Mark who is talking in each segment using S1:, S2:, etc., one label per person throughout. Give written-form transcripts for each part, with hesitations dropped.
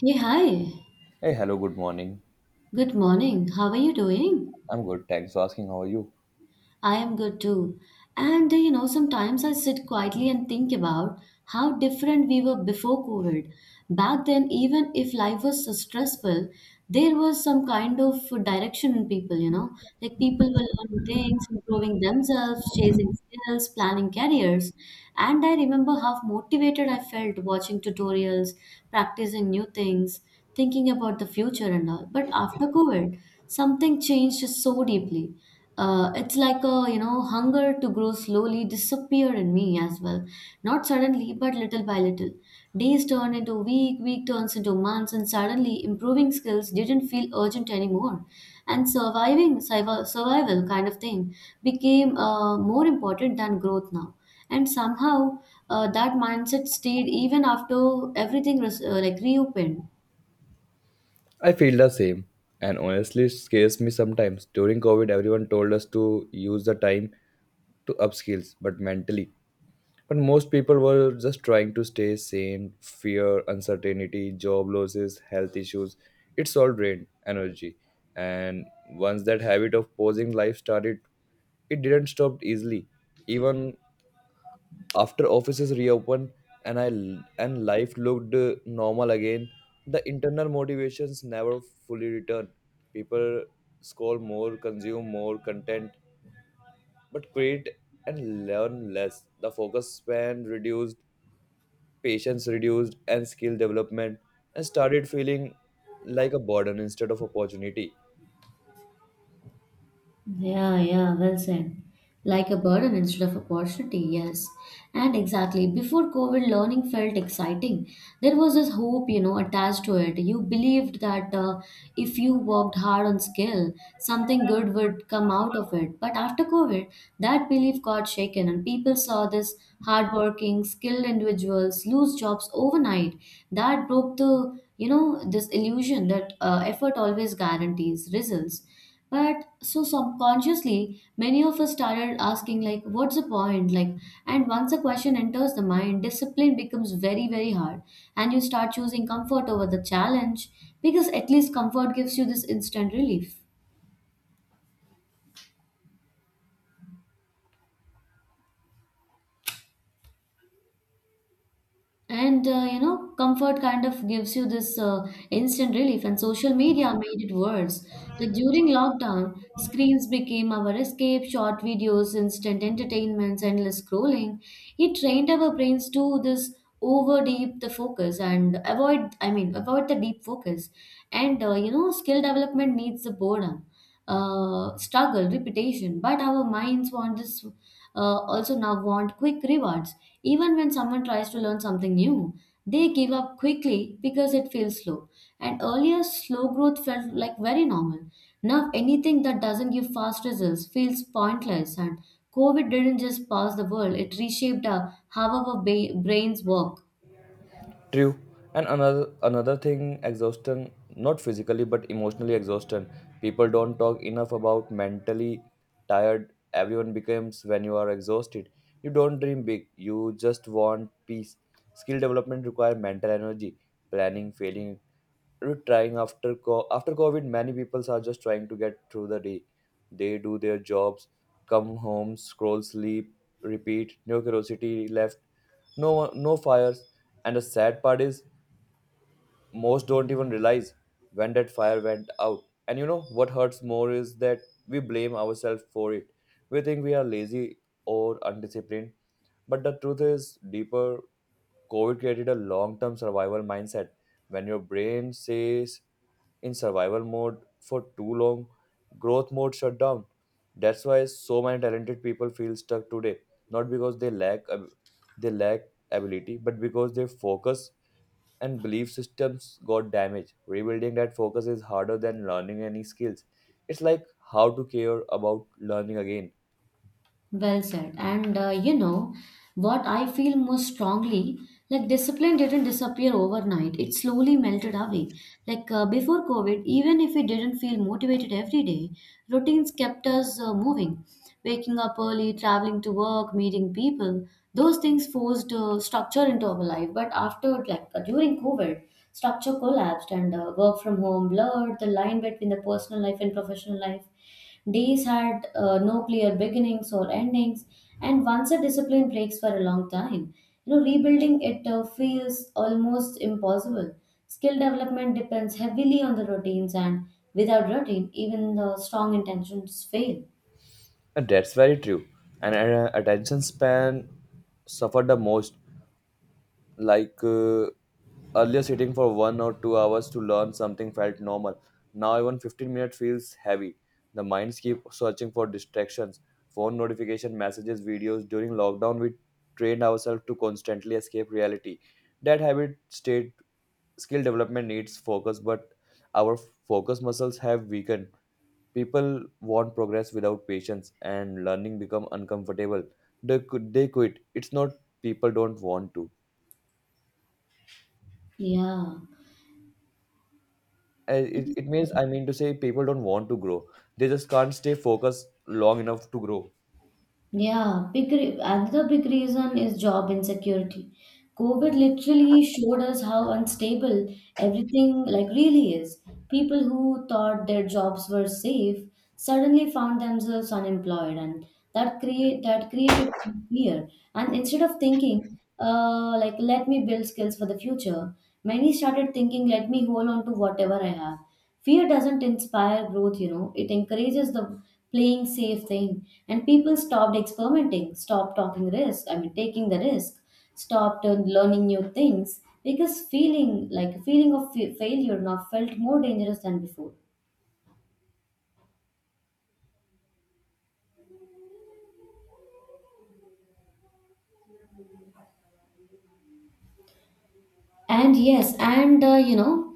S1: Hey, hi.
S2: Hey, hello, good morning.
S1: Good morning. How are you doing?
S2: I'm good, thanks for asking. How are you?
S1: I am good too. And sometimes I sit quietly and think about how different we were before COVID. Back then, even if life was so stressful, there was some kind of direction in people, like people were learning things, improving themselves, chasing skills, planning careers. And I remember how motivated I felt watching tutorials, practicing new things, thinking about the future and all. But after COVID, something changed so deeply. It's like a hunger to grow slowly disappeared in me as well. Not suddenly, but little by little. Days turned into week, week turns into months, and suddenly improving skills didn't feel urgent anymore. And surviving, survival kind of thing became more important than growth now. And somehow that mindset stayed even after everything was like reopened.
S2: I feel the same, and honestly, it scares me sometimes. During COVID, everyone told us to use the time to upskills, but mentally. But most people were just trying to stay sane, fear, uncertainty, job losses, health issues. It's all drained energy. And once that habit of pausing life started, it didn't stop easily. Even after offices reopened and I and life looked normal again, the internal motivations never fully return. People scroll more, consume more content, but create and learn less. The focus span reduced, patience reduced, and skill development and started feeling like a burden instead of opportunity.
S1: Yeah, yeah, well said. Like a burden instead of opportunity, yes. And exactly, before COVID, learning felt exciting. There was this hope, attached to it. You believed that if you worked hard on skill, something good would come out of it. But after COVID, that belief got shaken, and people saw this hardworking, skilled individuals lose jobs overnight. That broke the, this illusion that effort always guarantees results, but so subconsciously many of us started asking, like, what's the point, like. And once a question enters the mind, discipline becomes very very hard, and you start choosing comfort over the challenge, because at least comfort gives you this instant relief. And comfort kind of gives you this instant relief, and social media made it worse. Like, during lockdown, screens became our escape, short videos, instant entertainments, endless scrolling. It trained our brains to this over deep the focus and avoid, I mean, avoid the deep focus. And skill development needs the boredom, struggle, repetition. But our minds want this, also now want quick rewards. Even when someone tries to learn something new, they give up quickly because it feels slow. And earlier, slow growth felt like very normal. Now, anything that doesn't give fast results feels pointless. And COVID didn't just pass the world, it reshaped how our brains work.
S2: True. And another thing, exhaustion, not physically but emotionally exhaustion. People don't talk enough about mentally tired everyone becomes when you are exhausted. You don't dream big, you just want peace. Skill development require mental energy, planning, failing, trying after COVID, many people are just trying to get through the day. They do their jobs, come home, scroll, sleep, repeat. No curiosity left. No fires. And the sad part is, most don't even realize when that fire went out. And you know what hurts more is that we blame ourselves for it. We think we are lazy or undisciplined, but the truth is deeper. COVID created a long-term survival mindset. When your brain says in survival mode for too long, growth mode shut down. That's why so many talented people feel stuck today, not because they lack ability, but because their focus and belief systems got damaged. Rebuilding that focus is harder than learning any skills. It's like how to care about learning again.
S1: Well said. And you know what I feel most strongly, like discipline didn't disappear overnight. It slowly melted away. Like, before COVID, even if we didn't feel motivated every day, routines kept us moving. Waking up early, traveling to work, meeting people, those things forced structure into our life. But after, like, during COVID, structure collapsed, and work from home blurred the line between the personal life and professional life. Days had no clear beginnings or endings, and once a discipline breaks for a long time, rebuilding it feels almost impossible. Skill development depends heavily on the routines, and without routine, even the strong intentions fail.
S2: And that's very true. And attention span suffered the most, like earlier sitting for 1 or 2 hours to learn something felt normal. Now even 15 minutes feels heavy. The minds keep searching for distractions, phone notification messages, videos. During lockdown we trained ourselves to constantly escape reality. That habit state, skill development needs focus, but our focus muscles have weakened. People want progress without patience, and learning become uncomfortable. They quit. It's not people don't want to
S1: Yeah.
S2: it,
S1: Yes,
S2: it means
S1: correct.
S2: I mean to say people don't want to grow, they just can't stay focused long enough to grow.
S1: Yeah, another big reason is job insecurity. COVID literally showed us how unstable everything like really is. People who thought their jobs were safe suddenly found themselves unemployed, and that created fear. And instead of thinking, like, let me build skills for the future, many started thinking, let me hold on to whatever I have. Fear doesn't inspire growth, it encourages the playing safe thing. And people stopped experimenting, stopped talking risk, I mean, taking the risk, stopped learning new things, because feeling like a feeling of failure now felt more dangerous than before. And yes, and uh, you know,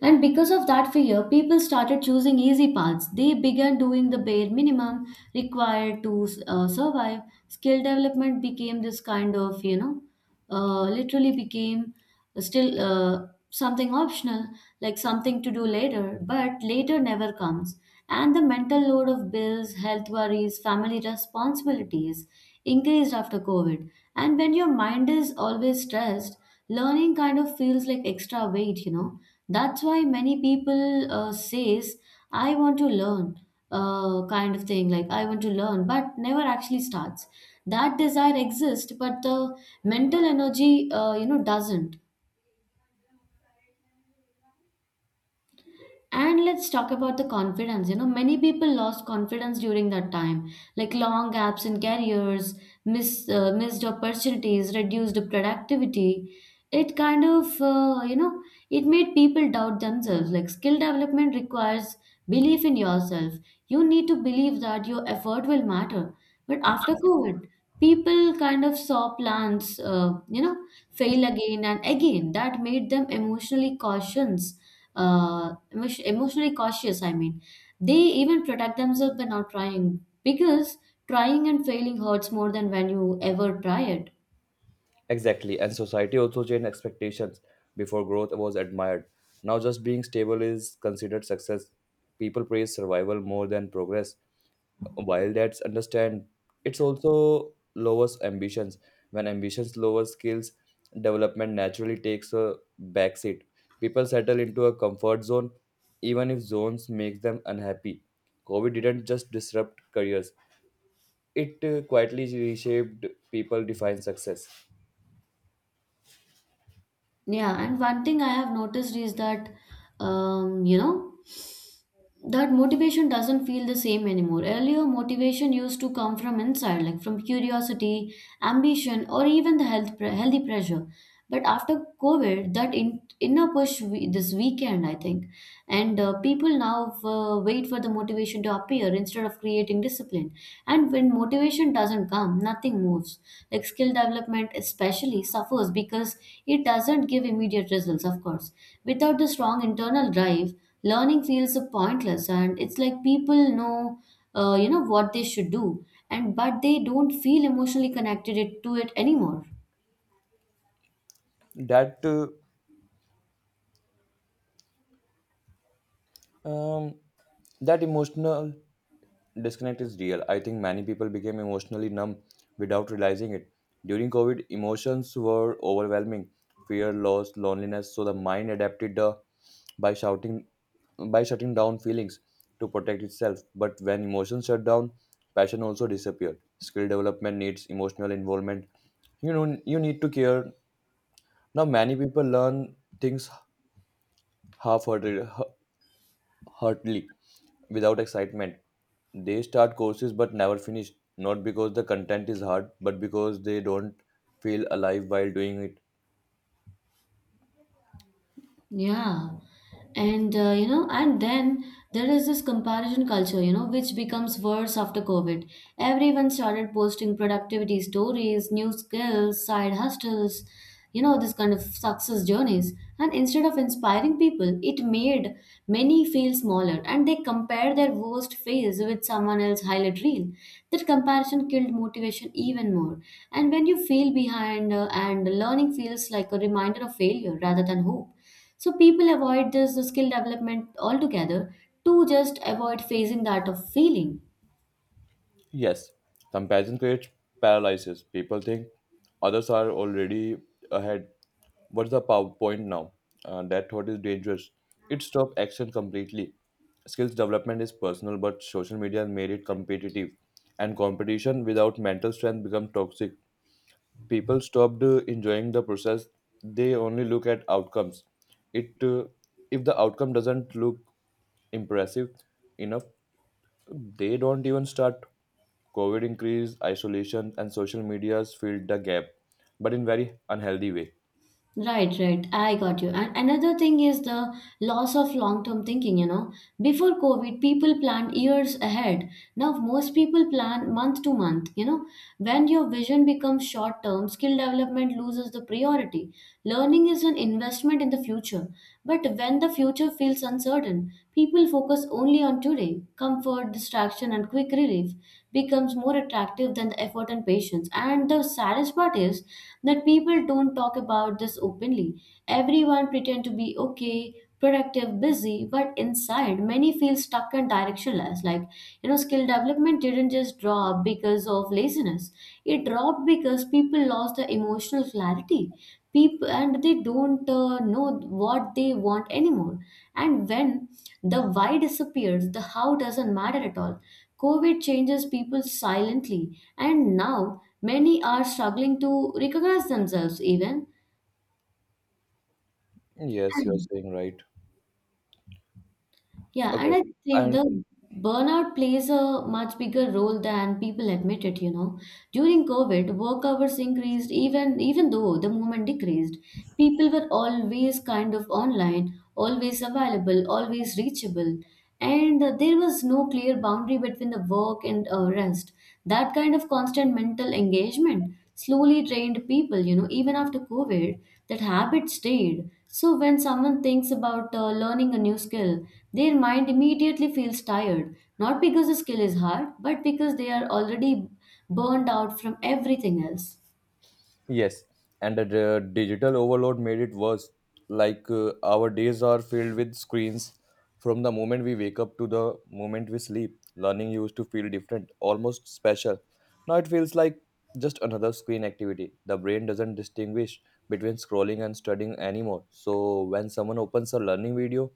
S1: and because of that fear, people started choosing easy paths. They began doing the bare minimum required to survive. Skill development became this kind of, literally became still something optional, like something to do later, but later never comes. And the mental load of bills, health worries, family responsibilities increased after COVID. And when your mind is always stressed, learning kind of feels like extra weight. That's why many people says, I want to learn, kind of thing, like, I want to learn, but never actually starts. That desire exists, but the mental energy, doesn't. And let's talk about the confidence. Many people lost confidence during that time, like long gaps in careers, missed opportunities, reduced productivity. It kind of, you know, it made people doubt themselves. Like, skill development requires belief in yourself. You need to believe that your effort will matter. But after COVID, people kind of saw plans, fail again and again. That made them emotionally cautious. Emotionally cautious. I mean, they even protect themselves by not trying because trying and failing hurts more than when you ever try it.
S2: Exactly. And society also changed expectations. Before, growth was admired, now just being stable is considered success. People praise survival more than progress. While that's understand, it's also lowers ambitions. When ambitions lower, skills development naturally takes a backseat. People settle into a comfort zone, even if zones makes them unhappy. COVID didn't just disrupt careers; it quietly reshaped people define success.
S1: Yeah, and one thing I have noticed is that, um, you know, that motivation doesn't feel the same anymore. Earlier, motivation used to come from inside, like from curiosity, ambition, or even the healthy pressure. But after COVID, that inner push we, this weekend, I think, and people now wait for the motivation to appear instead of creating discipline. And when motivation doesn't come, nothing moves. Like, skill development especially suffers because it doesn't give immediate results, of course. Without the strong internal drive, learning feels pointless, and it's like people know you know what they should do, and but they don't feel emotionally connected to it anymore.
S2: That uh, um, that emotional disconnect is real. I think many people became emotionally numb without realizing it. During COVID, emotions were overwhelming, fear, loss, loneliness. So the mind adapted by shouting by shutting down feelings to protect itself. But when emotions shut down, passion also disappeared. Skill development needs emotional involvement. You know you need to care. Now many people learn things half heartedly, without excitement. They start courses but never finish, not because the content is hard, but because they don't feel alive while doing it.
S1: Yeah. And and then there is this comparison culture, which becomes worse after COVID. Everyone started posting productivity stories, new skills, side hustles, this kind of success journeys. And instead of inspiring people, it made many feel smaller, and they compare their worst phase with someone else's highlight reel. That comparison killed motivation even more. And when you feel behind, and learning feels like a reminder of failure rather than hope, so people avoid this skill development altogether, to just avoid facing that of failing.
S2: Yes, comparison creates paralysis. People think others are already ahead. Point now? That thought is dangerous. It stops action completely. Skills development is personal, but social media made it competitive, and competition without mental strength becomes toxic. People stopped enjoying the process, they only look at outcomes. It If the outcome doesn't look impressive enough, they don't even start. COVID increase isolation and social medias filled the gap, but in very unhealthy way.
S1: Right, right. I got you. And another thing is the loss of long-term thinking. Before COVID, people planned years ahead. Now most people plan month to month. When your vision becomes short-term, skill development loses the priority. Learning is an investment in the future. But when the future feels uncertain, people focus only on today. Comfort, distraction, and quick relief becomes more attractive than the effort and patience. And the saddest part is that people don't talk about this openly. Everyone pretend to be okay, productive, busy, but inside many feel stuck and directionless. Like, skill development didn't just drop because of laziness. It dropped because people lost the emotional clarity. People and they don't know what they want anymore. And when the why disappears, the how doesn't matter at all. COVID changes people silently, and now many are struggling to recognize themselves even.
S2: Yes, you're
S1: And
S2: saying right.
S1: yeah, and
S2: Okay.
S1: I think
S2: And
S1: the burnout plays a much bigger role than people admit it. During COVID, work hours increased even though the movement decreased. People were always kind of online, always available, always reachable. And there was no clear boundary between the work and rest. That kind of constant mental engagement slowly trained people, even after COVID, that habit stayed. So when someone thinks about learning a new skill, their mind immediately feels tired, not because the skill is hard, but because they are already burned out from everything else.
S2: yes, and the digital overload made it worse. Like our days are filled with screens from the moment we wake up to the moment we sleep. Learning used to feel different, almost special. Now it feels like just another screen activity. The brain doesn't distinguish between scrolling and studying anymore. So when someone opens a learning video,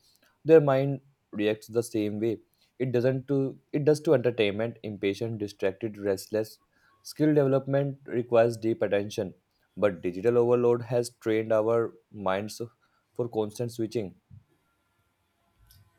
S2: their mind reacts the same way. It doesn't to it does to entertainment, impatient, distracted, restless. Skill development requires deep attention, but digital overload has trained our minds for constant switching.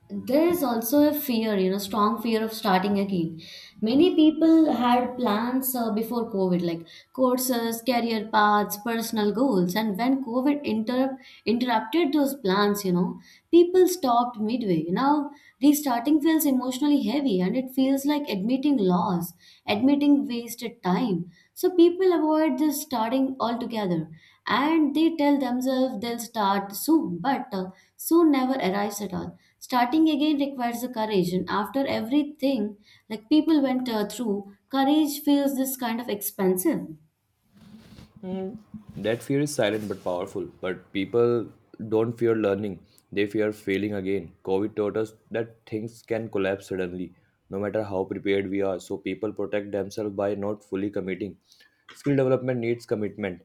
S1: There is also a fear, strong fear of starting again. Many people had plans before COVID, like courses, career paths, personal goals, and when COVID interrupted those plans. People stopped midway. Now restarting feels emotionally heavy, and it feels like admitting loss, admitting wasted time, so people avoid this starting altogether, and they tell themselves they'll start soon, but soon never arrives at all. Starting again requires the courage, and after everything, like people went through, courage feels this kind of expensive.
S2: That fear is silent but powerful. But people don't fear learning, they fear failing again. COVID taught us that things can collapse suddenly, no matter how prepared we are. So people protect themselves by not fully committing. Skill development needs commitment.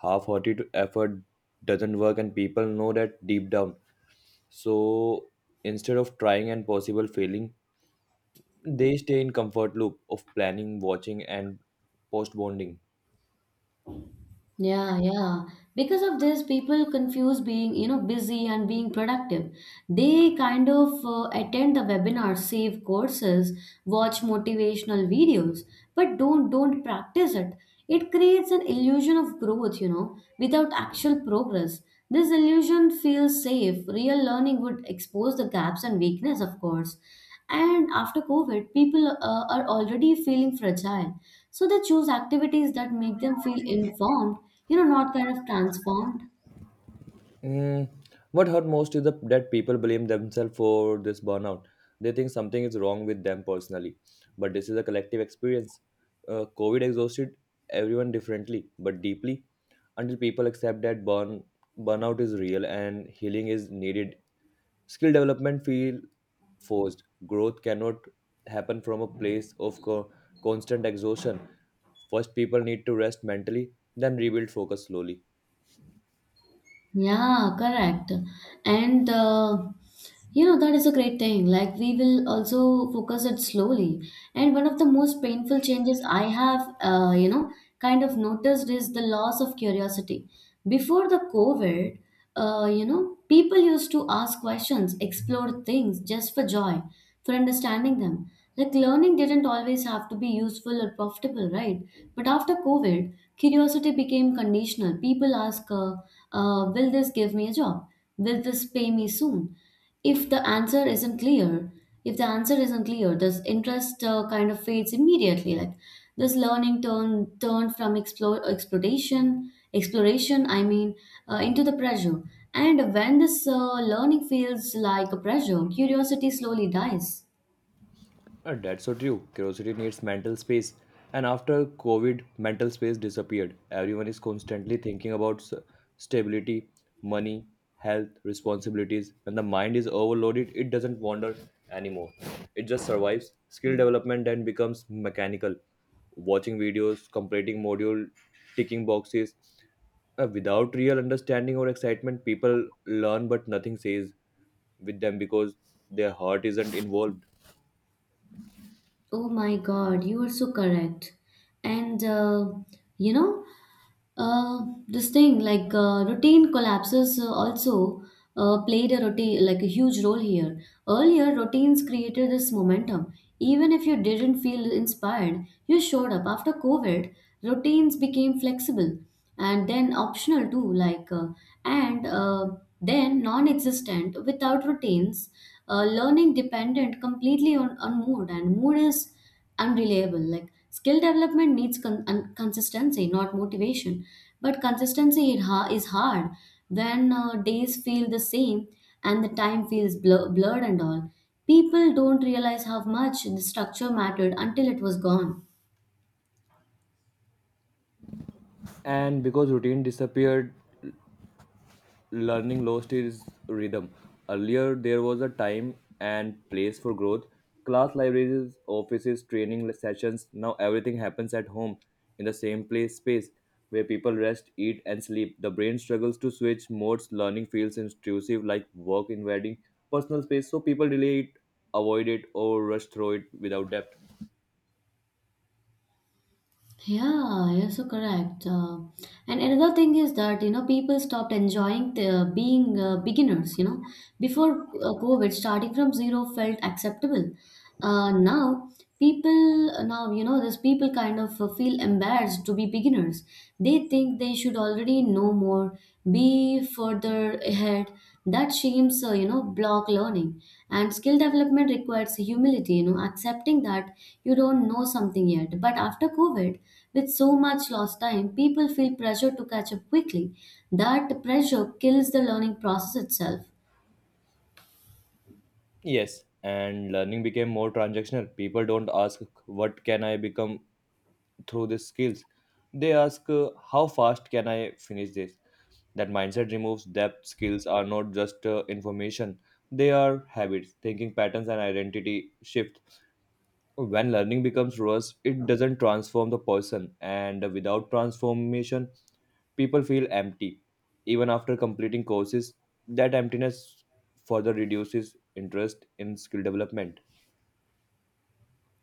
S2: Half hearted effort doesn't work, and people know that deep down. So instead of trying and possible failing, they stay in comfort loop of planning, watching, and post bonding.
S1: Yeah, yeah. Because of this, people confuse being, busy and being productive. They kind of attend the webinars, save courses, watch motivational videos, but don't practice it. It creates an illusion of growth, without actual progress. This illusion feels safe. Real learning would expose the gaps and weakness, of course. And after COVID, people are already feeling fragile. So they choose activities that make them feel informed, not kind of transformed.
S2: Mm, what hurt most is the, that people blame themselves for this burnout. They think something is wrong with them personally, but this is a collective experience. COVID exhausted everyone differently, but deeply. Until people accept that burnout is real and healing is needed, skill development feel forced. Growth cannot happen from a place of constant exhaustion. First, people need to rest mentally, then rebuild focus slowly.
S1: Yeah, correct. And that is a great thing. Like, we will also focus it slowly. And one of the most painful changes I have, kind of noticed is the loss of curiosity. Before the COVID, people used to ask questions, explore things just for joy, for understanding them. Like learning didn't always have to be useful or profitable, right? But after COVID, curiosity became conditional. People ask, "Will this give me a job? Will this pay me soon?" if the answer isn't clear if the answer isn't clear, this interest kind of fades immediately. Like, this learning turn turned from explore exploration exploration I mean Into the pressure. And when this learning feels like a pressure, curiosity slowly dies.
S2: That's so true. Curiosity needs mental space. And after COVID, mental space disappeared. Everyone is constantly thinking about stability, money, health, responsibilities. When the mind is overloaded, it doesn't wander anymore. It just survives. Skill development then becomes mechanical. Watching videos, completing module, ticking boxes. Without real understanding or excitement, people learn but nothing stays with them because their heart isn't involved.
S1: Oh my God, you are so correct. And you know, this thing, like, routine collapses also played a routine like a huge role here. Earlier, routines created this momentum. Even if you didn't feel inspired, you showed up. After COVID, routines became flexible and then optional too, like, and then non-existent. Without routines, learning dependent completely on, mood, and mood is unreliable. Like, skill development needs consistency, not motivation, but consistency is hard when days feel the same and the time feels blurred and all. People don't realize how much the structure mattered until it was gone.
S2: And because routine disappeared, learning lost its rhythm. Earlier there was a time and place for growth, class libraries, offices, training sessions. Now everything happens at home, in the same place space where people rest, eat, and sleep. The brain struggles to switch modes. Learning feels intrusive, like work invading personal space, so people delay it, avoid it, or rush through it without depth.
S1: Yeah, you're so correct. And another thing is that, you know, people stopped enjoying being beginners. You know, before COVID, starting from zero felt acceptable. Now, you know, these people kind of feel embarrassed to be beginners. They think they should already know more, be further ahead. That shames, you know, block learning. And skill development requires humility, you know, accepting that you don't know something yet. But after COVID, with so much lost time, people feel pressure to catch up quickly. That pressure kills the learning process itself.
S2: Yes, and learning became more transactional. People don't ask what can I become through the skills. They ask, how fast can I finish this? That mindset removes depth. Skills are not just information, they are habits, thinking patterns, and identity shift. When learning becomes worse, it doesn't transform the person, and without transformation, people feel empty. Even after completing courses, that emptiness further reduces interest in skill development.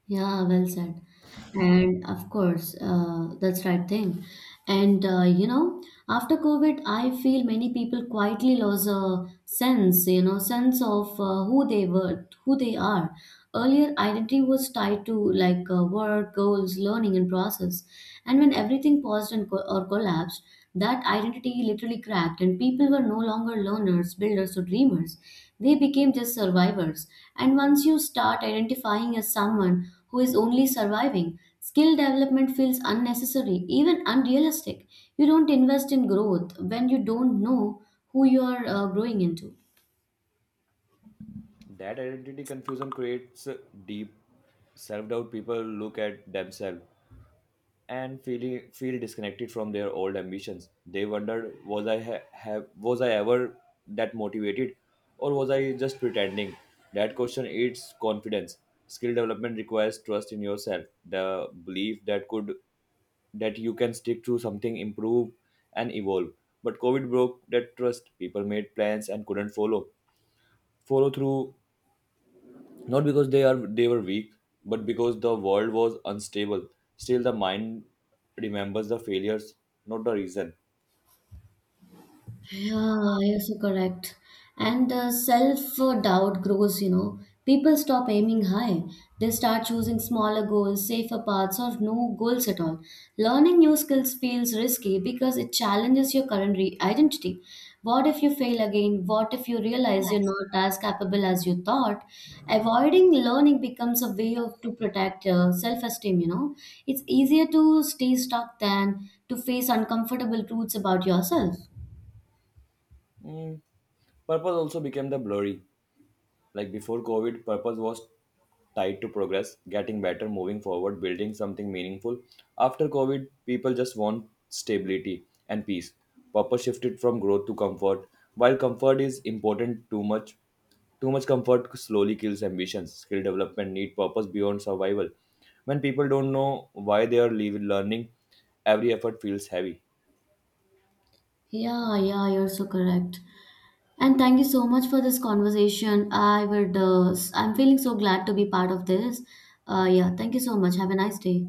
S1: Yeah, well said. And of course, that's right thing. And you know, after COVID, I feel many people quietly lost a sense, you know, sense of who they were, who they are. Earlier, identity was tied to, like, work, goals, learning, and process. And when everything paused and co or collapsed, that identity literally cracked, and people were no longer learners, builders, or dreamers. They became just survivors. And once you start identifying as someone who is only surviving, skill development feels unnecessary, even unrealistic. You don't invest in growth when you don't know who you are growing into.
S2: That identity confusion creates deep self doubt. People look at themselves and feel disconnected from their old ambitions. They wonder, was I ever that motivated, or was I just pretending? That question eats confidence. Skill development requires trust in yourself, the belief that you can stick to something, improve, and evolve. But COVID broke that trust. People made plans and couldn't follow through, not because they were weak, but because the world was unstable. Still, the mind remembers the failures, not the reason.
S1: Yeah, yes, you're so correct. And the self-doubt grows, you know. People stop aiming high. They start choosing smaller goals, safer paths, or no goals at all. Learning new skills feels risky because it challenges your identity. What if you fail again? What if you realize you're not as capable as you thought? Avoiding learning becomes a way of to protect self-esteem, you know. It's easier to stay stuck than to face uncomfortable truths about yourself.
S2: Mm, purpose also became the blurry. Like before COVID, purpose was tied to progress, getting better, moving forward, building something meaningful. After COVID, people just want stability and peace. Purpose shifted from growth to comfort. While comfort is important, too much comfort slowly kills ambitions. Skill development need purpose beyond survival. When people don't know why they are learning, every effort feels heavy.
S1: Yeah, yeah, you're so correct. And thank you so much for this conversation. I would, I'm feeling so glad to be part of this. Yeah, thank you so much. Have a nice day.